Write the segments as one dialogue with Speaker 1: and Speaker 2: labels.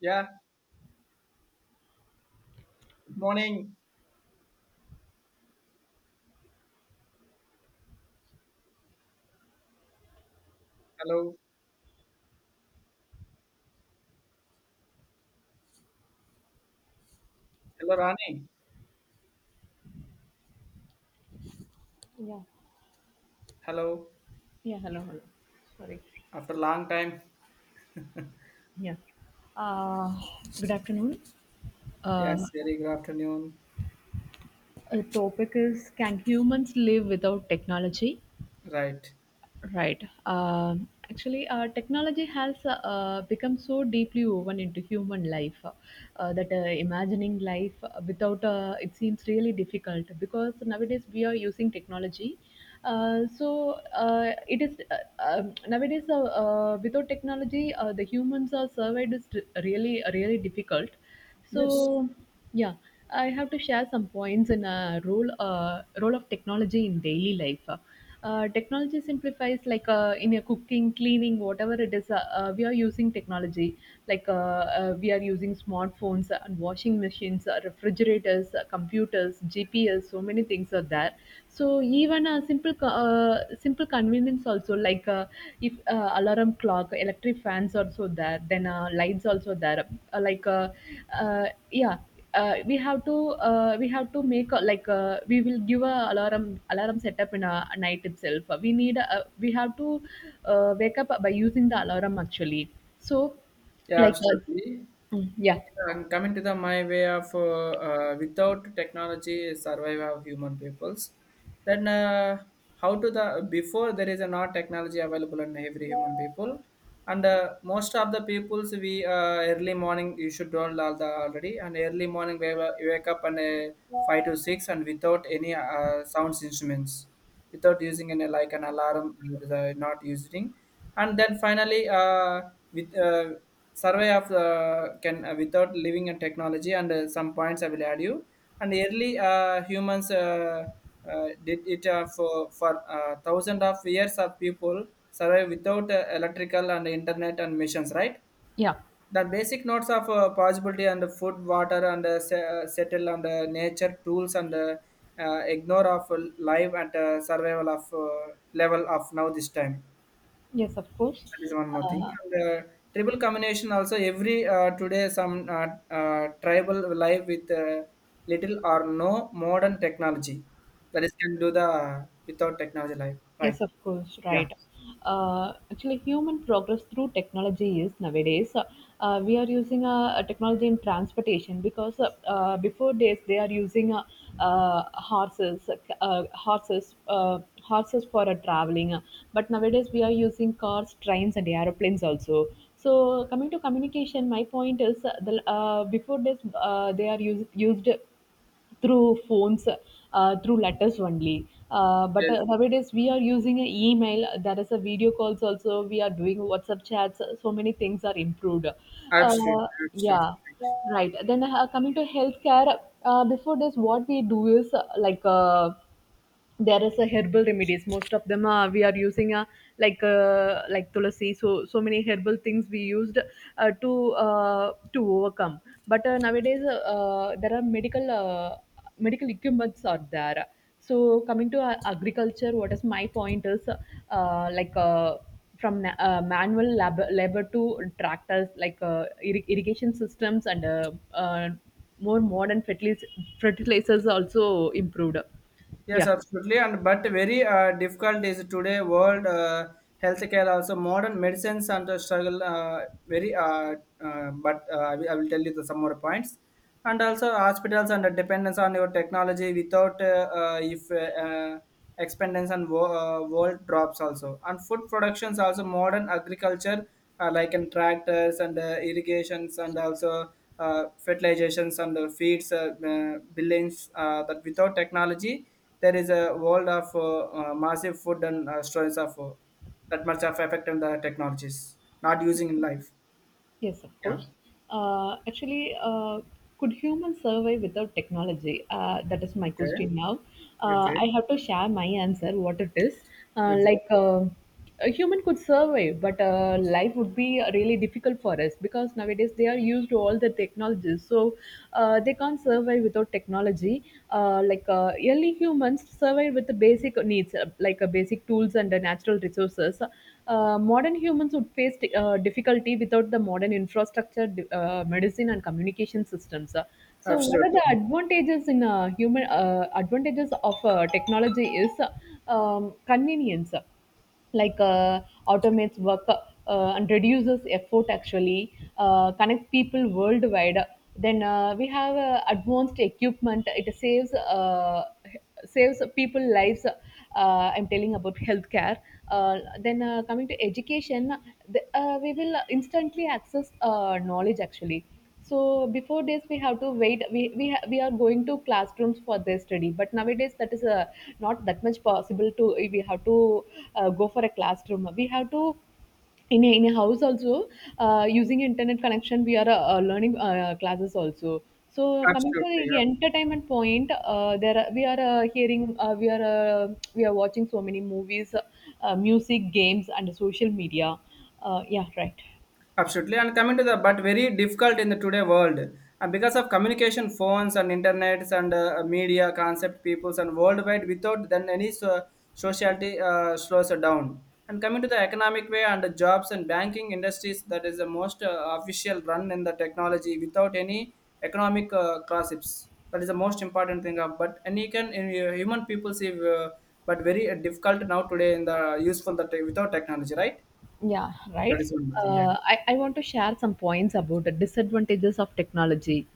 Speaker 1: Yeah, good morning. Hello. Hello, Rani.
Speaker 2: Yeah.
Speaker 1: Hello.
Speaker 2: Yeah. Hello. Hello. Sorry.
Speaker 1: After a long time.
Speaker 2: Yeah. Uh, good afternoon. Uh,
Speaker 1: Yes, very good afternoon.
Speaker 2: a topic is, can humans live without technology?
Speaker 1: Right.
Speaker 2: Right. Actually, technology has become so deeply woven into human life that imagining life without it seems really difficult, because nowadays we are using technology. So it is nowadays without technology, the humans are survived is really difficult.
Speaker 1: Yes.
Speaker 2: So yeah, I have to share some points in a role role of technology in daily life. Technology simplifies, like in your cooking, cleaning, whatever it is. We are using technology like we are using smartphones and washing machines, refrigerators, computers, GPS. So many things are there. So even a simple convenience also, like if alarm clock, electric fans also there, then lights also there, uh, like uh, uh, yeah uh, we have to we have to make a, like we will give a alarm setup in a night itself. We need a, we have to wake up by using the alarm, actually. So
Speaker 1: Yeah,
Speaker 2: like uh,
Speaker 1: absolutely.
Speaker 2: mm, yeah
Speaker 1: And coming to the my way of without technology survival of human peoples, then how to the before there is a not technology available in every human people, and most of the peoples we early morning you should don't all the already and early morning we wake up and five to six and without any sounds instruments without using any like an alarm, not using, and then finally, with survey of can without living in technology, and some points I will add you. And early humans did it for for thousands of years of people survive without electrical and internet and machines, right?
Speaker 2: yeah
Speaker 1: The basic notes of possibility and food, water and settle and nature tools and ignore of life and survival of level of now this time.
Speaker 2: yes, of course.
Speaker 1: That is one more thing. And, tribal combination also every today some tribal life with little or no modern technology. That is can do the without technology life. Right.
Speaker 2: Yes, of course,
Speaker 1: Yeah.
Speaker 2: right. Actually, human progress through technology is nowadays we are using a technology in transportation, because before days they are using uh, horses, horses, horses for traveling. But nowadays we are using cars, trains, and aeroplanes also. So coming to communication, my point is before days they are used through phones, through letters only. Uh, but
Speaker 1: Yes.
Speaker 2: uh, nowadays we are using an email. There is a video calls also. We are doing WhatsApp chats. So many things are improved.
Speaker 1: Absolutely.
Speaker 2: Yeah,
Speaker 1: Absolutely.
Speaker 2: right. Then coming to healthcare. Before this, what we do is like, there is a herbal remedies. Most of them are we are using a, like tulsi, so so many herbal things we used to overcome. But nowadays there are medical medical equipments are there. So coming to agriculture, what is my point is like from labor to tractors, like irrigation systems, and more modern fertilizers also improved.
Speaker 1: Yes,
Speaker 2: yeah
Speaker 1: absolutely. And but very difficult is today world, healthcare also modern medicines and the struggle, very. But I will tell you the some more points. And also hospitals and the dependence on your technology without if expendence and world drops also. And food productions also modern agriculture like in tractors and irrigations, and also fertilizations and feeds billions, that without technology there is a world of massive food and stories of that much of effect on the technologies not using in life.
Speaker 2: Yes, of
Speaker 1: Yeah.
Speaker 2: course. Actually, could humans survive without technology? That is my
Speaker 1: Okay.
Speaker 2: question now.
Speaker 1: Okay.
Speaker 2: I have to share my answer, what it is. Uh,
Speaker 1: Okay.
Speaker 2: like, uh, a human could survive, but life would be really difficult for us, because nowadays they are used to all the technologies. So, they can't survive without technology. Like, early humans survived with the basic needs, like a basic tools and natural resources, modern humans would face difficulty without the modern infrastructure, medicine, and communication systems. So, what are the
Speaker 1: Absolutely.
Speaker 2: advantages in human advantages of technology is convenience, like automates work and reduces effort, actually. Connects people worldwide. Then we have advanced equipment. It saves saves people lives. I'm telling about healthcare. Then coming to education, we will instantly access knowledge, actually. So before this we have to wait. We are going to classrooms for their study, but nowadays that is not that much possible. To we have to go for a classroom, we have to in a house also using internet connection. We are learning classes also. So coming to
Speaker 1: Absolutely.
Speaker 2: the entertainment point, there are, we are hearing, we are watching so many movies, music, games, and social media. uh, yeah right
Speaker 1: Absolutely, and coming to the but very difficult in the today world, and because of communication, phones and internets and media concept, peoples and worldwide. Without then any, so, sociality slows down. And coming to the economic way and the jobs and banking industries, that is the most official run in the technology without any economic gossips. That is the most important thing. Of, but and you can in, human people see, but very difficult now today in the useful the without technology, right?
Speaker 2: Yeah,
Speaker 1: That
Speaker 2: right.
Speaker 1: is one more thing. Yeah.
Speaker 2: I want to share some points about the disadvantages of technology.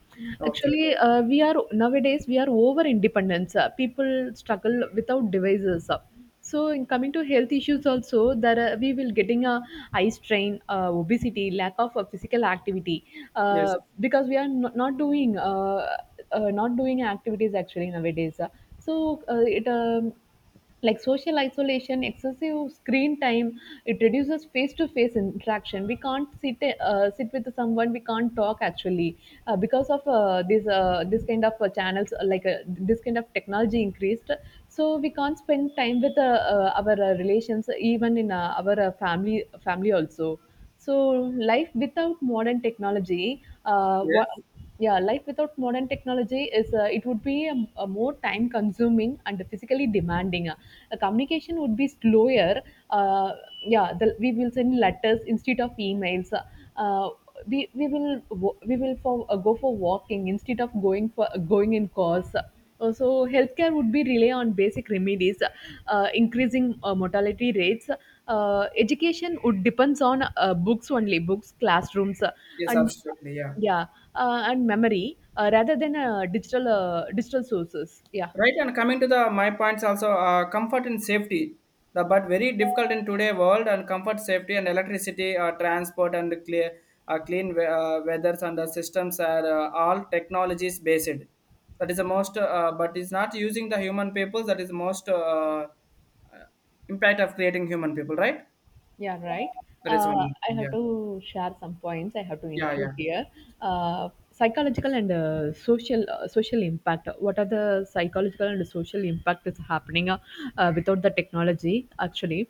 Speaker 1: Okay.
Speaker 2: Actually, we are nowadays we are over independence. People struggle without devices. So, in coming to health issues also, there are, we will getting a eye strain, obesity, lack of physical activity, uh,
Speaker 1: Yes,
Speaker 2: because we are not doing not doing activities actually nowadays. So it. Like social isolation, excessive screen time, it reduces face to face interaction. We can't sit sit with someone. We can't talk, actually, because of this kind of channels, this kind of technology increased. So we can't spend time with our relations, even in our family family also. So life without modern technology,
Speaker 1: yes,
Speaker 2: life without modern technology is it would be a more time consuming and physically demanding. The communication would be slower. Uh, we will send letters instead of emails. Uh, we will for, go for walking instead of going for going in cars, uh, so healthcare would be rely on basic remedies, increasing mortality rates. Education would depends on books only, books, classrooms,
Speaker 1: yes,
Speaker 2: and
Speaker 1: absolutely, yeah.
Speaker 2: yeah, and memory rather than digital sources. Yeah,
Speaker 1: Right, and coming to the my points also, comfort and safety, the but very difficult in today world and comfort, safety, and electricity, transport, and clean weathers, and the systems are all technologies based. That is the most, but is not using the human people. That is the most uh, impact of creating human people, right?
Speaker 2: yeah, right.
Speaker 1: That is one.
Speaker 2: I
Speaker 1: Yeah,
Speaker 2: have to share some points. I have to
Speaker 1: yeah,
Speaker 2: include
Speaker 1: yeah.
Speaker 2: here psychological and social impact. What are the psychological and social impact is happening without the technology? Actually,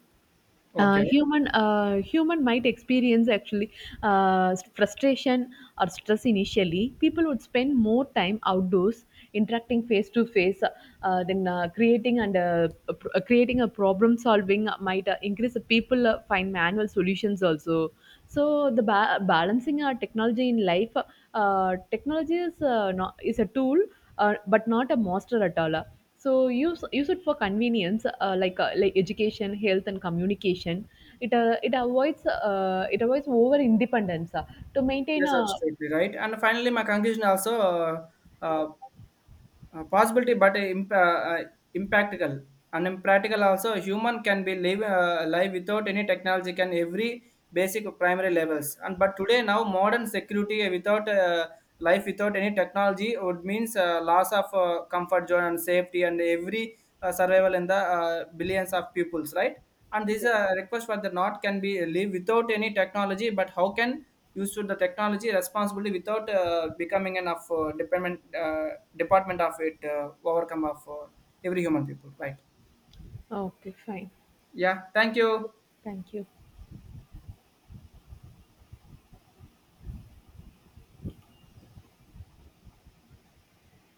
Speaker 1: Okay.
Speaker 2: human might experience actually frustration or stress. Initially people would spend more time outdoors interacting face to face, then creating a problem solving might increase. People find manual solutions also. So the balancing our technology in life, technology is not, is a tool, but not a monster at all. So use it for convenience, like like education, health, and communication. It avoids it avoids over independence, to maintain
Speaker 1: Yes,
Speaker 2: a.
Speaker 1: absolutely right. And finally, my conclusion also. Uh, Possibility, but impractical and impractical also. Human can be live live without any technology can every basic primary levels. And but today now modern security without life without any technology would means loss of comfort zone and safety and every survival in the billions of pupils, right? And this
Speaker 2: Yeah.
Speaker 1: request for the not can be live without any technology, but how can used to the technology responsibility without becoming enough of dependent department of it, overcome of every human people, right?
Speaker 2: Okay, fine.
Speaker 1: Yeah, thank you.
Speaker 2: Thank you.